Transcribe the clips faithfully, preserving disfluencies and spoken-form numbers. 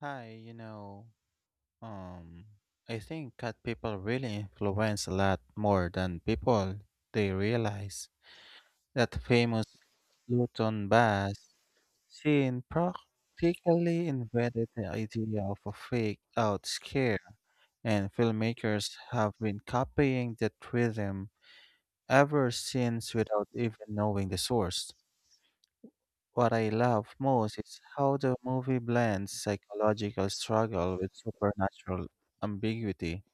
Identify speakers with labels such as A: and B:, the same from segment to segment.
A: Hi, you know, um, I think cat people really influence a lot more than people they realize. That famous Luton Bass scene practically invented the idea of a fake out scare, and filmmakers have been copying that rhythm ever since without even knowing the source. What I love most is how the movie blends psychological struggle with supernatural ambiguity.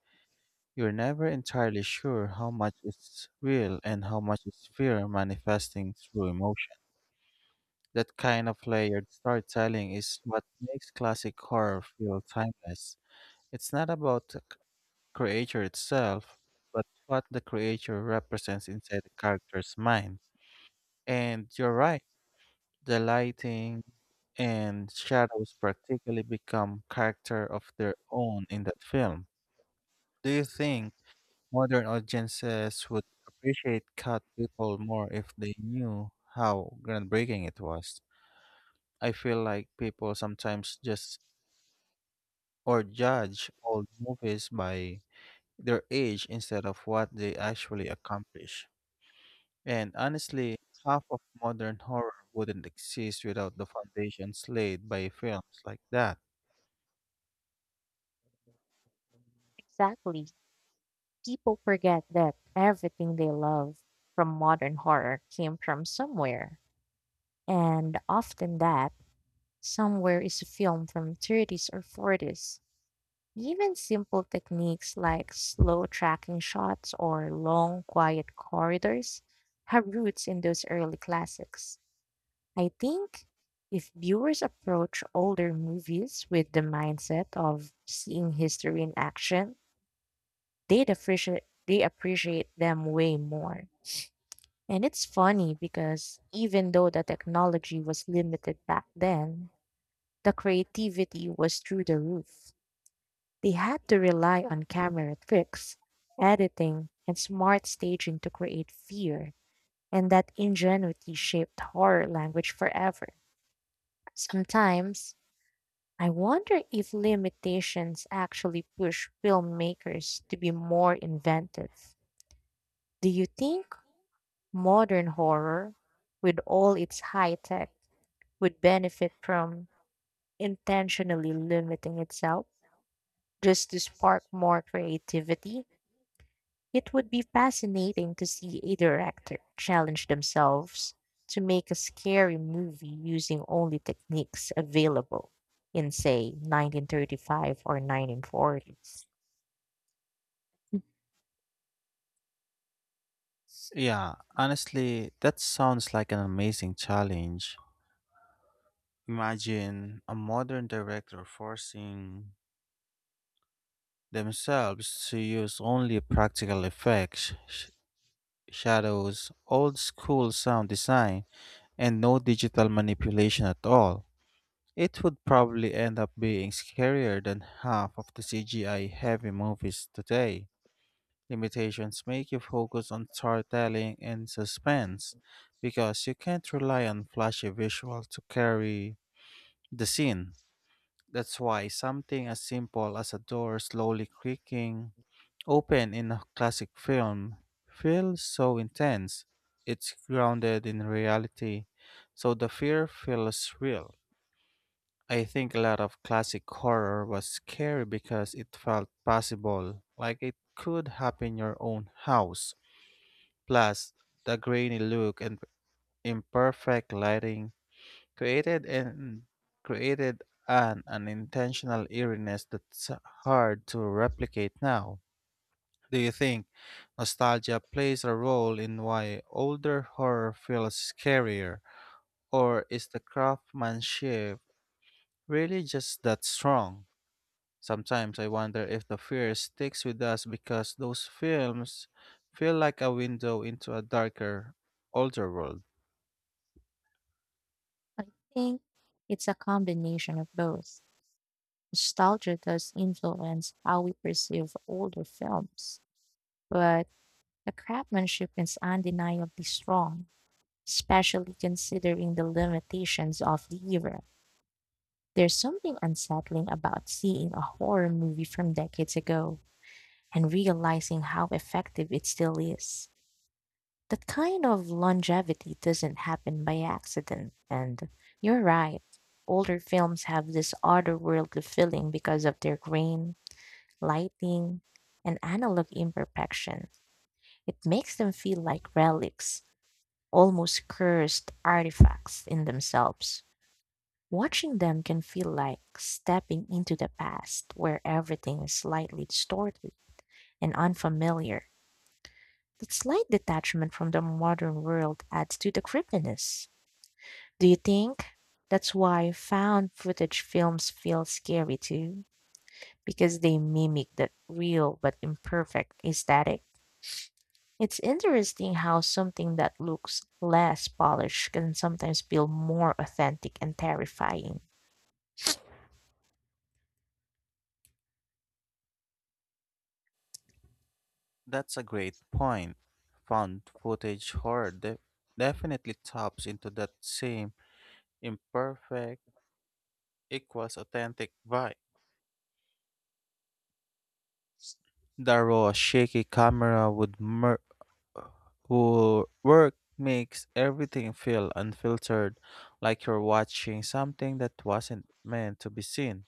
A: You're never entirely sure how much is real and how much is fear manifesting through emotion. That kind of layered storytelling is what makes classic horror feel timeless. It's not about the c- creature itself, but what the creature represents inside the character's mind. And you're right. The lighting and shadows practically become character of their own in that film. Do you think modern audiences would appreciate cat people more if they knew how groundbreaking it was? I feel like people sometimes just or judge old movies by their age instead of what they actually accomplish. And honestly, half of modern horror wouldn't exist without the foundations laid by films like that.
B: Exactly. People forget that everything they love from modern horror came from somewhere. And often that somewhere is a film from thirties or forties. Even simple techniques like slow tracking shots or long quiet corridors have roots in those early classics. I think if viewers approach older movies with the mindset of seeing history in action, they'd appreciate they appreciate them way more. And it's funny because even though the technology was limited back then, the creativity was through the roof. They had to rely on camera tricks, editing, and smart staging to create fear, and that ingenuity shaped horror language forever. Sometimes, I wonder if limitations actually push filmmakers to be more inventive. Do you think modern horror, with all its high tech, would benefit from intentionally limiting itself just to spark more creativity? It would be fascinating to see a director challenge themselves to make a scary movie using only techniques available in, say, nineteen thirty-five or nineteen forties.
A: Yeah, honestly, that sounds like an amazing challenge. Imagine a modern director forcing themselves to use only practical effects, sh- shadows, old school sound design, and no digital manipulation at all. It would probably end up being scarier than half of the C G I heavy movies today. Limitations make you focus on storytelling and suspense because you can't rely on flashy visual to carry the scene. That's why something as simple as a door slowly creaking open in a classic film feels so intense. It's grounded in reality, so the fear feels real. I think a lot of classic horror was scary because it felt possible, like it could happen in your own house. Plus, the grainy look and imperfect lighting created an created an unintentional eeriness that's hard to replicate now. Do you think nostalgia plays a role in why older horror feels scarier, or is the craftsmanship really just that strong? Sometimes I wonder if the fear sticks with us because those films feel like a window into a darker, older world.
B: I think it's a combination of both. Nostalgia does influence how we perceive older films, but the craftsmanship is undeniably strong, especially considering the limitations of the era. There's something unsettling about seeing a horror movie from decades ago and realizing how effective it still is. That kind of longevity doesn't happen by accident, and you're right. Older films have this otherworldly feeling because of their grain, lighting, and analog imperfection. It makes them feel like relics, almost cursed artifacts in themselves. Watching them can feel like stepping into the past where everything is slightly distorted and unfamiliar. That slight detachment from the modern world adds to the creepiness. Do you think that's why found footage films feel scary too? Because they mimic that real but imperfect aesthetic. It's interesting how something that looks less polished can sometimes feel more authentic and terrifying.
A: That's a great point. Found footage horror de- definitely taps into that same imperfect equals authentic vibe. The raw, shaky camera would mer- wo- work makes everything feel unfiltered, like you're watching something that wasn't meant to be seen.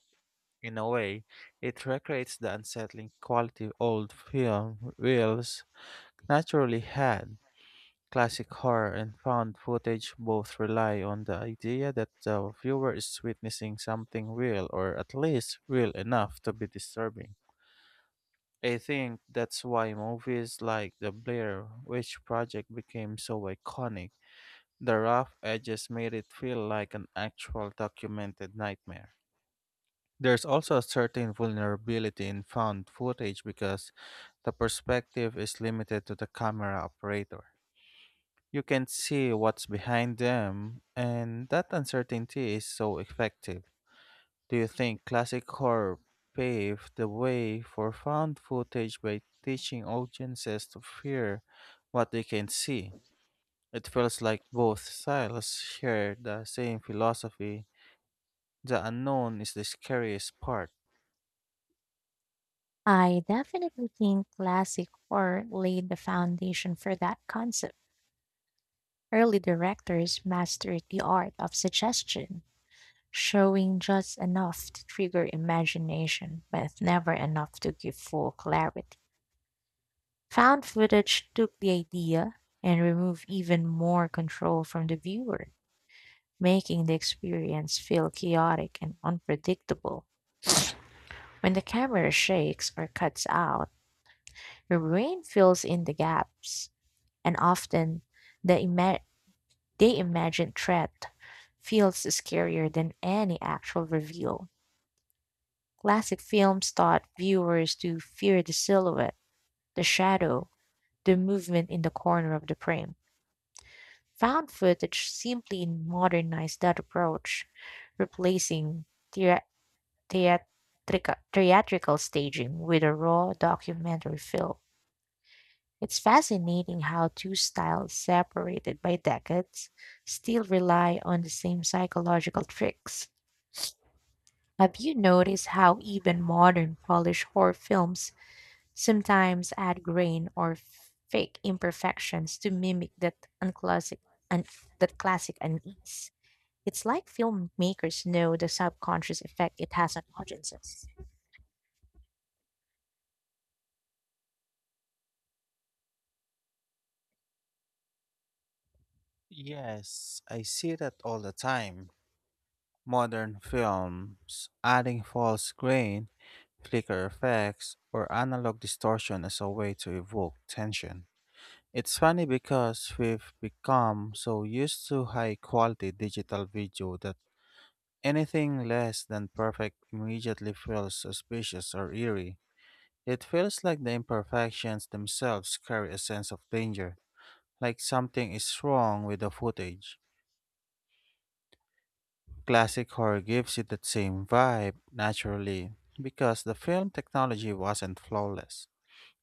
A: In a way, it recreates the unsettling quality old film reels naturally had. Classic horror and found footage both rely on the idea that the viewer is witnessing something real or at least real enough to be disturbing. I think that's why movies like The Blair Witch Project became so iconic. The rough edges made it feel like an actual documented nightmare. There's also a certain vulnerability in found footage because the perspective is limited to the camera operator. You can see what's behind them, and that uncertainty is so effective. Do you think classic horror paved the way for found footage by teaching audiences to fear what they can see? It feels like both styles share the same philosophy: the unknown is the scariest part.
B: I definitely think classic horror laid the foundation for that concept. Early directors mastered the art of suggestion, showing just enough to trigger imagination, but never enough to give full clarity. Found footage took the idea and removed even more control from the viewer, making the experience feel chaotic and unpredictable. When the camera shakes or cuts out, your brain fills in the gaps, and often the, ima- the imagined threat feels scarier than any actual reveal. Classic films taught viewers to fear the silhouette, the shadow, the movement in the corner of the frame. Found footage simply modernized that approach, replacing theor- theatrica- theatrical staging with a raw documentary film. It's fascinating how two styles separated by decades still rely on the same psychological tricks. Have you noticed how even modern Polish horror films sometimes add grain or fake imperfections to mimic that unclassic un, that classic unease? It's like filmmakers know the subconscious effect it has on audiences.
A: Yes, I see that all the time. Modern films, adding false grain, flicker effects, or analog distortion as a way to evoke tension. It's funny because we've become so used to high quality digital video that anything less than perfect immediately feels suspicious or eerie. It feels like the imperfections themselves carry a sense of danger, like something is wrong with the footage. Classic horror gives it that same vibe, naturally, because the film technology wasn't flawless.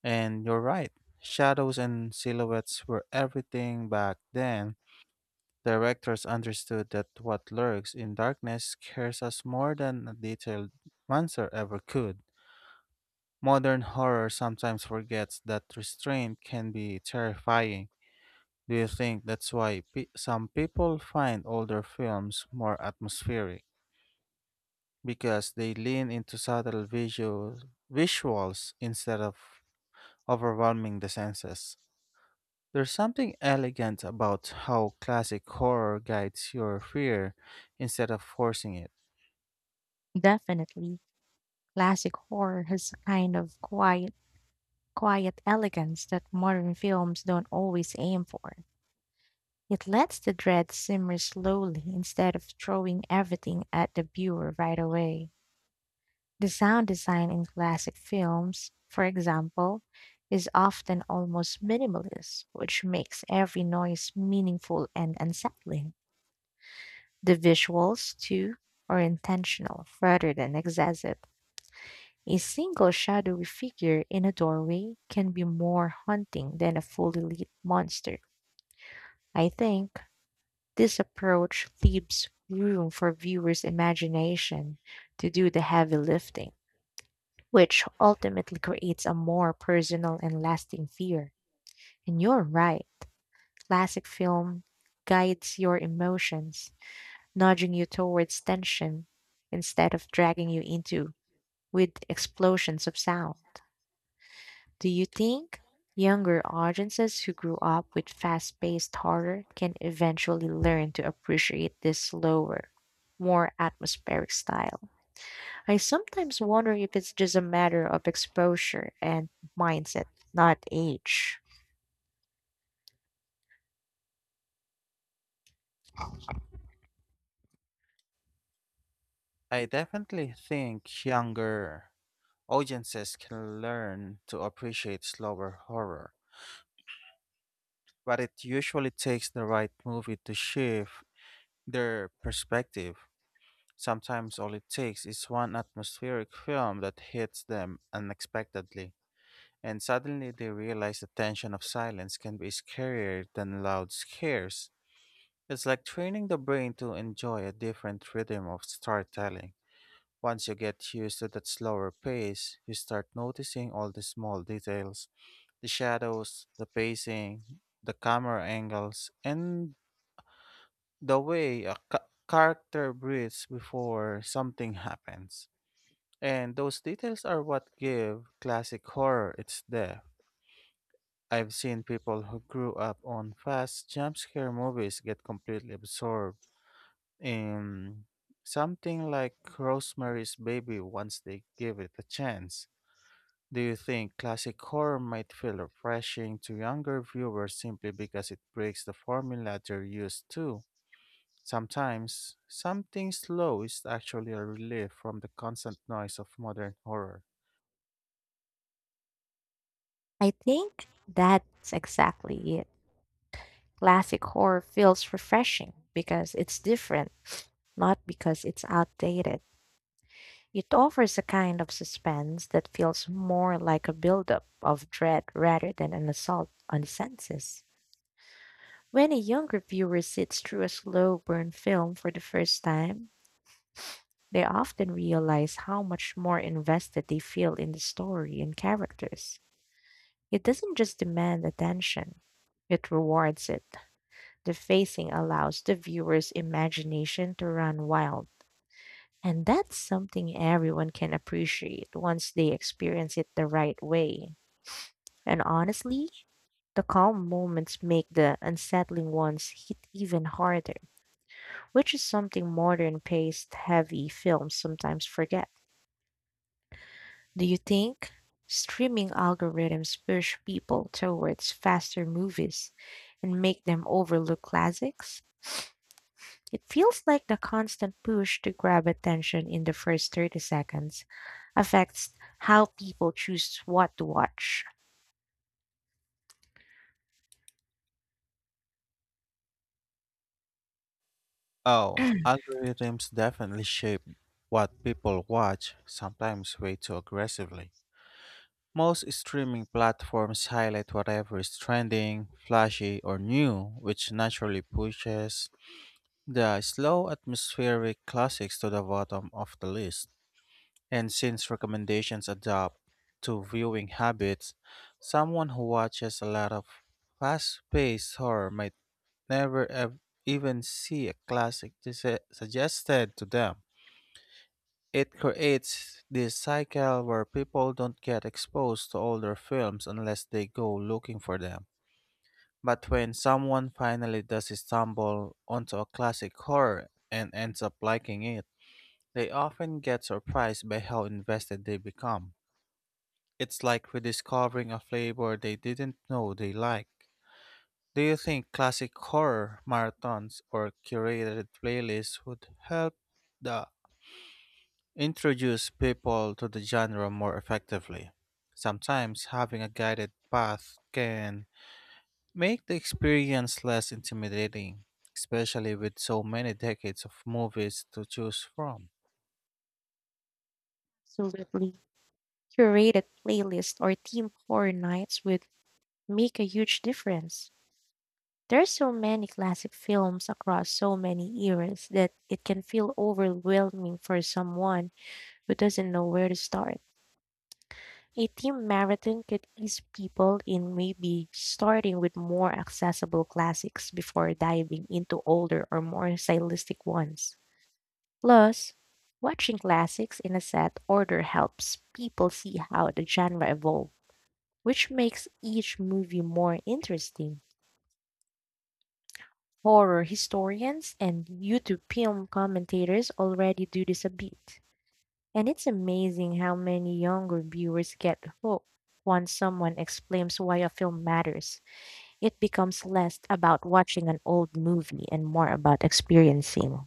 A: And you're right, shadows and silhouettes were everything back then. Directors understood that what lurks in darkness scares us more than a detailed monster ever could. Modern horror sometimes forgets that restraint can be terrifying. Do you think that's why pe- some people find older films more atmospheric? Because they lean into subtle visual, visuals instead of overwhelming the senses. There's something elegant about how classic horror guides your fear instead of forcing it.
B: Definitely. Classic horror has a kind of quiet, quiet elegance that modern films don't always aim for. It lets the dread simmer slowly instead of throwing everything at the viewer right away. The sound design in classic films, for example, is often almost minimalist, which makes every noise meaningful and unsettling. The visuals, too, are intentional rather than excessive. A single shadowy figure in a doorway can be more haunting than a fully lit monster. I think this approach leaves room for viewers' imagination to do the heavy lifting, which ultimately creates a more personal and lasting fear. And you're right, classic film guides your emotions, nudging you towards tension instead of dragging you into with explosions of sound. Do you think younger audiences who grew up with fast paced horror can eventually learn to appreciate this slower, more atmospheric style? I sometimes wonder if it's just a matter of exposure and mindset, not age.
A: I definitely think younger audiences can learn to appreciate slower horror, but it usually takes the right movie to shift their perspective. Sometimes all it takes is one atmospheric film that hits them unexpectedly. And suddenly they realize the tension of silence can be scarier than loud scares. It's like training the brain to enjoy a different rhythm of storytelling. Once you get used to that slower pace, you start noticing all the small details: the shadows, the pacing, the camera angles, and the way a ca- character breathes before something happens. And those details are what give classic horror its depth. I've seen people who grew up on fast jump scare movies get completely absorbed in something like Rosemary's Baby once they give it a chance. Do you think classic horror might feel refreshing to younger viewers simply because it breaks the formula they're used to? Sometimes, something slow is actually a relief from the constant noise of modern horror.
B: I think that's exactly it. Classic horror feels refreshing because it's different, not because it's outdated. It offers a kind of suspense that feels more like a buildup of dread rather than an assault on the senses. When a younger viewer sits through a slow burn film for the first time, they often realize how much more invested they feel in the story and characters. It doesn't just demand attention, it rewards it. The facing allows the viewer's imagination to run wild. And that's something everyone can appreciate once they experience it the right way. And honestly, the calm moments make the unsettling ones hit even harder, which is something modern paced heavy films sometimes forget. Do you think streaming algorithms push people towards faster movies and make them overlook classics? It feels like the constant push to grab attention in the first thirty seconds affects how people choose what to watch.
A: Oh, algorithms definitely shape what people watch, sometimes way too aggressively. Most streaming platforms highlight whatever is trending, flashy, or new, which naturally pushes the slow atmospheric classics to the bottom of the list. And since recommendations adapt to viewing habits, someone who watches a lot of fast paced horror might never ev- even see a classic dis- suggested to them. It creates this cycle where people don't get exposed to older films unless they go looking for them. But when someone finally does stumble onto a classic horror and ends up liking it, they often get surprised by how invested they become. It's like rediscovering a flavor they didn't know they like. Do you think classic horror marathons or curated playlists would help the introduce people to the genre more effectively? Sometimes having a guided path can make the experience less intimidating, especially with so many decades of movies to choose from.
B: Absolutely. Curated playlists or team horror nights would make a huge difference. There are so many classic films across so many eras that it can feel overwhelming for someone who doesn't know where to start. A team marathon could ease people in, maybe starting with more accessible classics before diving into older or more stylistic ones. Plus, watching classics in a set order helps people see how the genre evolved, which makes each movie more interesting. Horror historians and YouTube film commentators already do this a bit. And it's amazing how many younger viewers get hooked once someone explains why a film matters. It becomes less about watching an old movie and more about experiencing.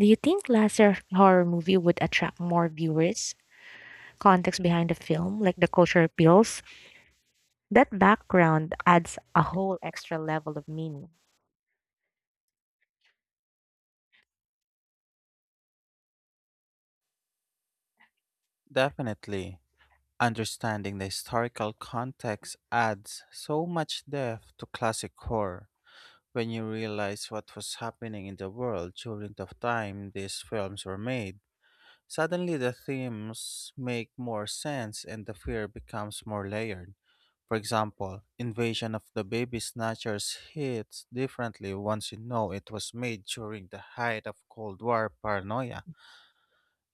B: Do you think lesser horror movie would attract more viewers? Context behind the film, like the cultural appeals, that background adds a whole extra level of meaning.
A: Definitely, understanding the historical context adds so much depth to classic horror. When you realize what was happening in the world during the time these films were made, suddenly, the themes make more sense and the fear becomes more layered. For example, Invasion of the Baby Snatchers hits differently once you know it was made during the height of Cold War paranoia,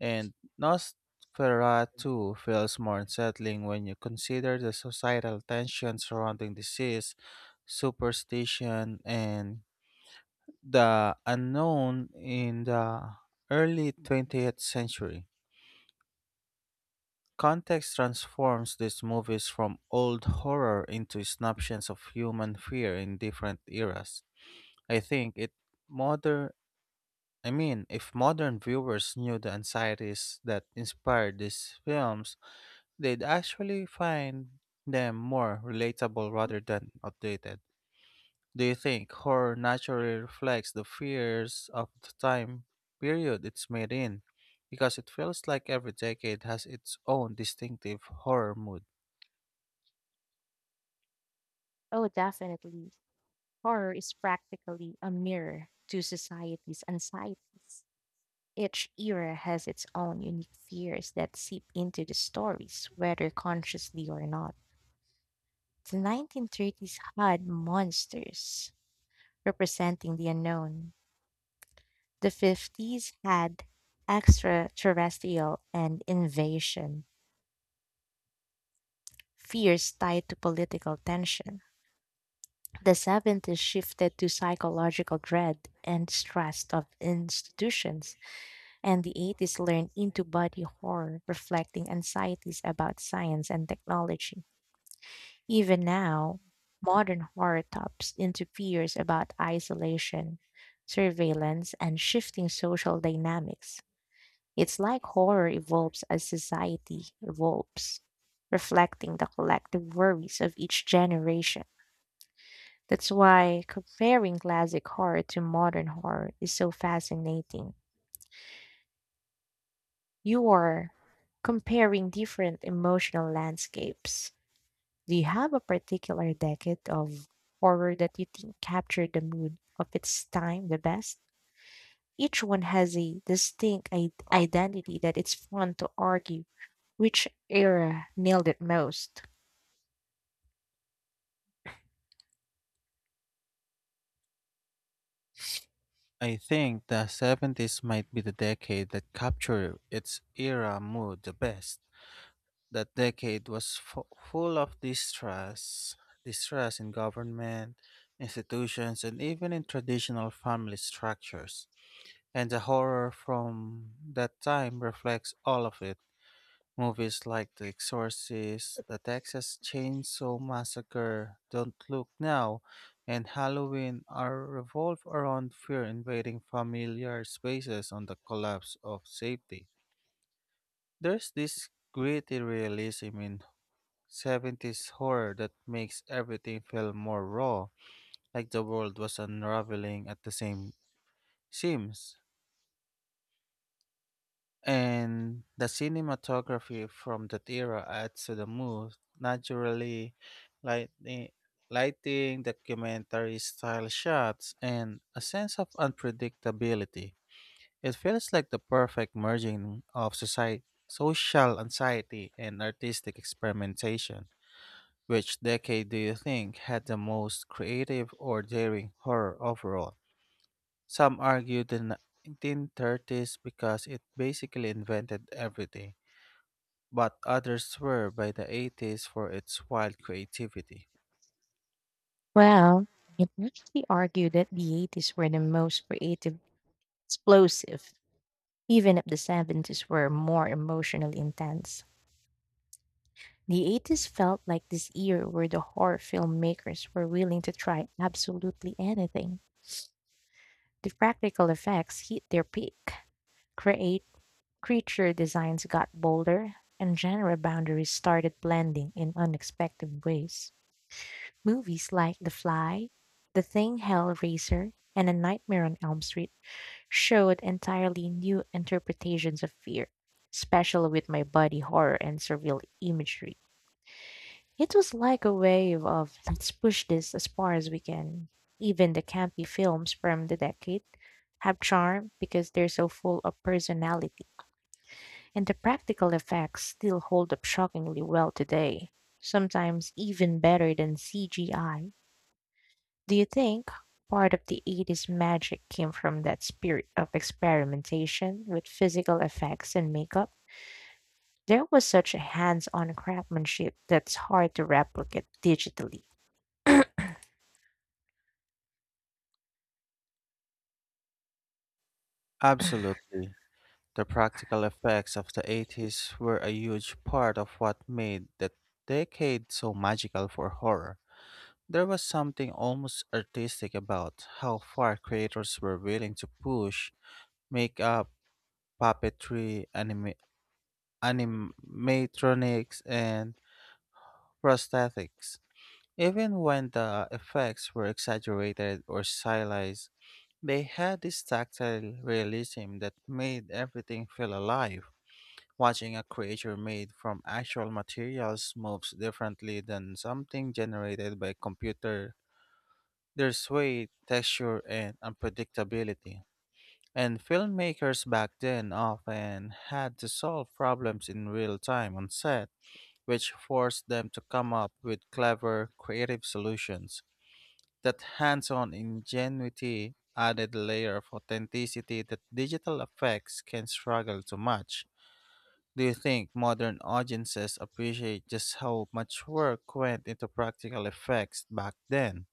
A: and Nosferatu feels more unsettling when you consider the societal tension surrounding disease, superstition, and the unknown in the early twentieth century. Context transforms these movies from old horror into snapshots of human fear in different eras. I think it modern I mean, if modern viewers knew the anxieties that inspired these films, they'd actually find them more relatable rather than outdated. Do you think horror naturally reflects the fears of the time period it's made in? Because it feels like every decade has its own distinctive horror mood.
B: Oh, definitely. Horror is practically a mirror to society's anxieties. Each era has its own unique fears that seep into the stories, whether consciously or not. The nineteen thirties had monsters representing the unknown. The fifties had extraterrestrial and invasion, fears tied to political tension. The seventies shifted to psychological dread and distrust of institutions, and the eighties learned into body horror, reflecting anxieties about science and technology. Even now, modern horror taps into fears about isolation, surveillance, and shifting social dynamics. It's like horror evolves as society evolves, reflecting the collective worries of each generation. That's why comparing classic horror to modern horror is so fascinating. You are comparing different emotional landscapes. Do you have a particular decade of horror that you think captured the mood of its time the best? Each one has a distinct i- identity that it's fun to argue which era nailed it most.
A: I think the seventies might be the decade that captured its era mood the best. That decade was fu- full of distrust, distrust in government, institutions, and even in traditional family structures. And the horror from that time reflects all of it. Movies like The Exorcist, The Texas Chainsaw Massacre, Don't Look Now, and Halloween are revolve around fear invading familiar spaces on the collapse of safety. There's this gritty realism in seventies horror that makes everything feel more raw, like the world was unraveling at the same seams. And the cinematography from that era adds to the mood, naturally lighting, lighting, documentary style shots, and a sense of unpredictability. It feels like the perfect merging of society, social anxiety and artistic experimentation. Which decade do you think had the most creative or daring horror overall? Some argue the nineteen thirties because it basically invented everything, but others swear by the eighties for its wild creativity.
B: Well, you can actually argue that the eighties were the most creative, explosive, even if the seventies were more emotionally intense. The eighties felt like this era where the horror filmmakers were willing to try absolutely anything. The practical effects hit their peak. Create Creature designs got bolder, and genre boundaries started blending in unexpected ways. Movies like The Fly, The Thing, Hellraiser, and A Nightmare on Elm Street showed entirely new interpretations of fear, especially with my body horror and surreal imagery. It was like a wave of, let's push this as far as we can. Even the campy films from the decade have charm because they're so full of personality, and the practical effects still hold up shockingly well today, sometimes even better than C G I. Do you think part of the eighties magic came from that spirit of experimentation with physical effects and makeup? There was such a hands on craftsmanship that's hard to replicate digitally.
A: Absolutely. The practical effects of the eighties were a huge part of what made that decade so magical for horror. There was something almost artistic about how far creators were willing to push makeup, puppetry, anima- animatronics, and prosthetics. Even when the effects were exaggerated or stylized, they had this tactile realism that made everything feel alive. Watching a creature made from actual materials moves differently than something generated by a computer. There's weight, texture, and unpredictability. And filmmakers back then often had to solve problems in real time on set, which forced them to come up with clever, creative solutions. That hands-on ingenuity added a layer of authenticity that digital effects can struggle to match. Do you think modern audiences appreciate just how much work went into practical effects back then?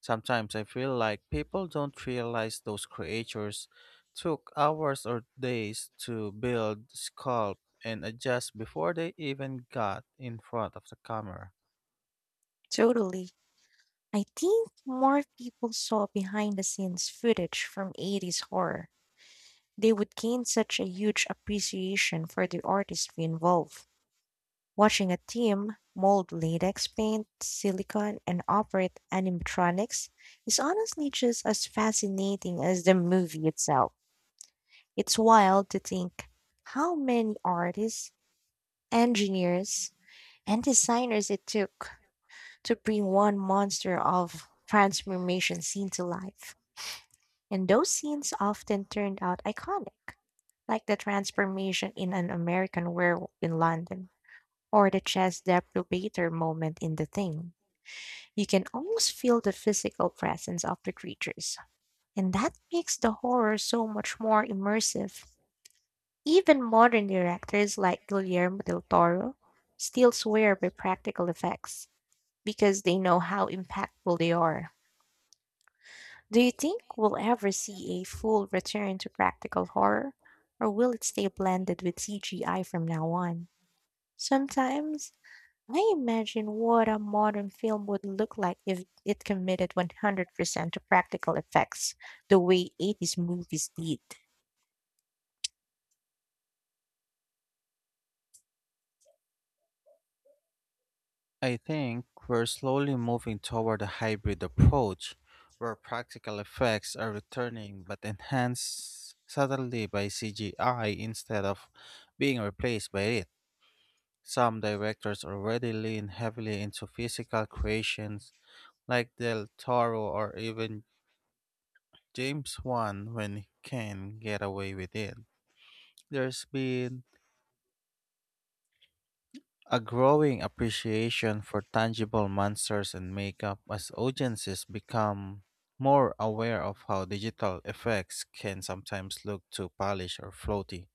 A: Sometimes I feel like people don't realize those creatures took hours or days to build, sculpt, and adjust before they even got in front of the camera.
B: Totally. I think more people saw behind the scenes footage from eighties horror. They would gain such a huge appreciation for the artistry involved. Watching a team mold latex paint, silicone, and operate animatronics is honestly just as fascinating as the movie itself. It's wild to think how many artists, engineers, and designers it took to bring one monster of transformation scene to life. And those scenes often turned out iconic, like the transformation in an American werewolf in London, or the chess deprivator moment in The Thing. You can almost feel the physical presence of the creatures, and that makes the horror so much more immersive. Even modern directors like Guillermo del Toro still swear by practical effects because they know how impactful they are. Do you think we'll ever see a full return to practical horror, or will it stay blended with C G I from now on? Sometimes I imagine what a modern film would look like if it committed one hundred percent to practical effects, the way eighties movies did.
A: I think we're slowly moving toward a hybrid approach where practical effects are returning but enhanced subtly by C G I instead of being replaced by it. Some directors already lean heavily into physical creations like Del Toro or even James Wan when he can get away with it. There's been a growing appreciation for tangible monsters and makeup as audiences become more aware of how digital effects can sometimes look too polished or floaty.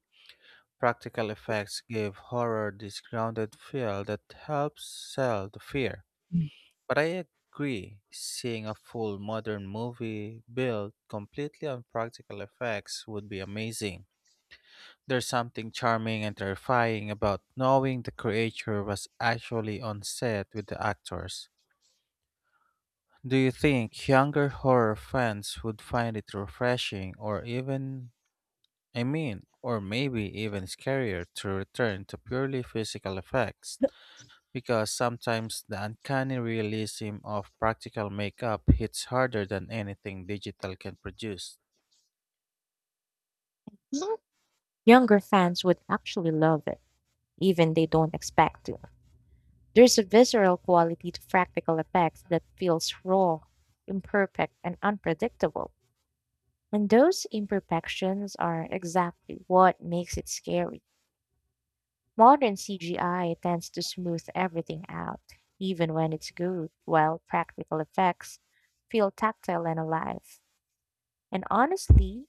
A: Practical effects give horror this grounded feel that helps sell the fear. But I agree, seeing a full modern movie built completely on practical effects would be amazing. There's something charming and terrifying about knowing the creature was actually on set with the actors. Do you think younger horror fans would find it refreshing or even, I mean, or maybe even scarier to return to purely physical effects? Because sometimes the uncanny realism of practical makeup hits harder than anything digital can produce.
B: Mm. Younger fans would actually love it, even they don't expect to. There's a visceral quality to practical effects that feels raw, imperfect, and unpredictable. And those imperfections are exactly what makes it scary. Modern C G I tends to smooth everything out, even when it's good, while practical effects feel tactile and alive. And honestly,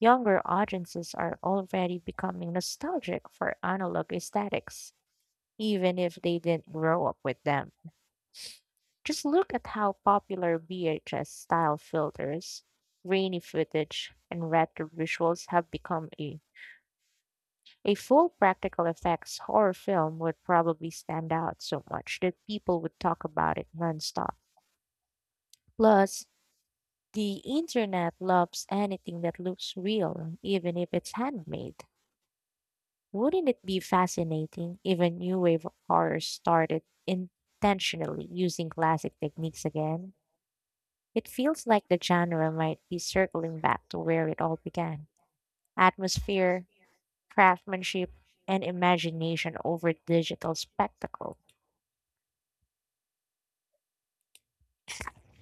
B: younger audiences are already becoming nostalgic for analog aesthetics, even if they didn't grow up with them. Just look at how popular V H S style filters, grainy footage, and retro visuals have become. a A full practical effects horror film would probably stand out so much that people would talk about it nonstop. Plus, the internet loves anything that looks real, even if it's handmade. Wouldn't it be fascinating if a new wave of horror started intentionally using classic techniques again? It feels like the genre might be circling back to where it all began: atmosphere, craftsmanship, and imagination over digital spectacle.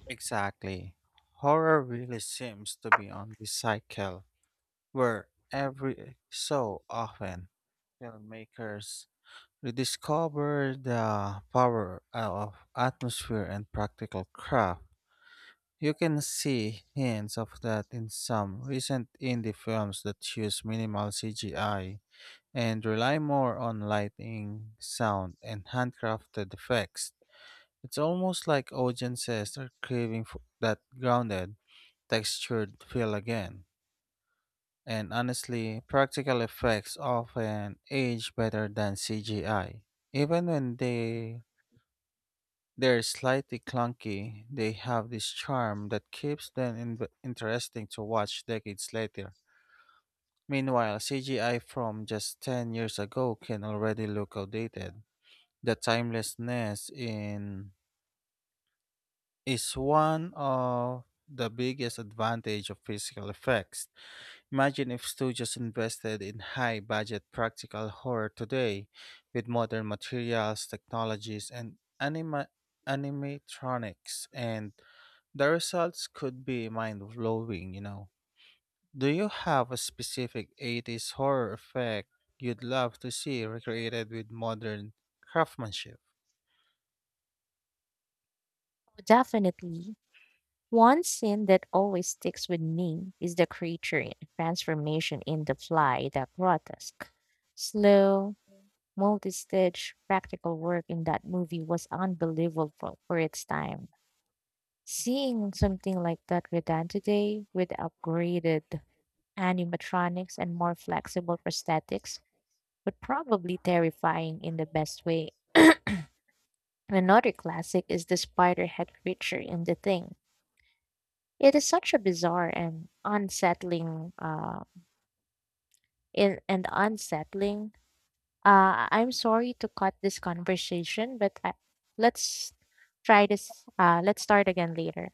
A: Exactly. Horror really seems to be on this cycle where every so often filmmakers rediscover the power of atmosphere and practical craft. You can see hints of that in some recent indie films that use minimal C G I and rely more on lighting, sound, and handcrafted effects. It's almost like audiences are craving for that grounded, textured feel again. And honestly, practical effects often age better than C G I. Even when they they're slightly clunky, they have this charm that keeps them in- interesting to watch decades later. Meanwhile, C G I from just ten years ago can already look outdated. The timelessness in is one of the biggest advantage of physical effects. Imagine if studios invested in high budget practical horror today with modern materials, technologies, and anima- animatronics, and the results could be mind blowing, you know. Do you have a specific eighties horror effect you'd love to see recreated with modern craftsmanship?
B: Definitely. One scene that always sticks with me is the creature in- transformation in The Fly. That grotesque, slow, multi stitch, practical work in that movie was unbelievable for its time. Seeing something like that redone today with upgraded animatronics and more flexible prosthetics would probably terrifying in the best way. Another classic is the spider head creature in The Thing. It is such a bizarre and unsettling uh in, and unsettling. Uh I'm sorry to cut this conversation, but I, let's try this uh let's start again later.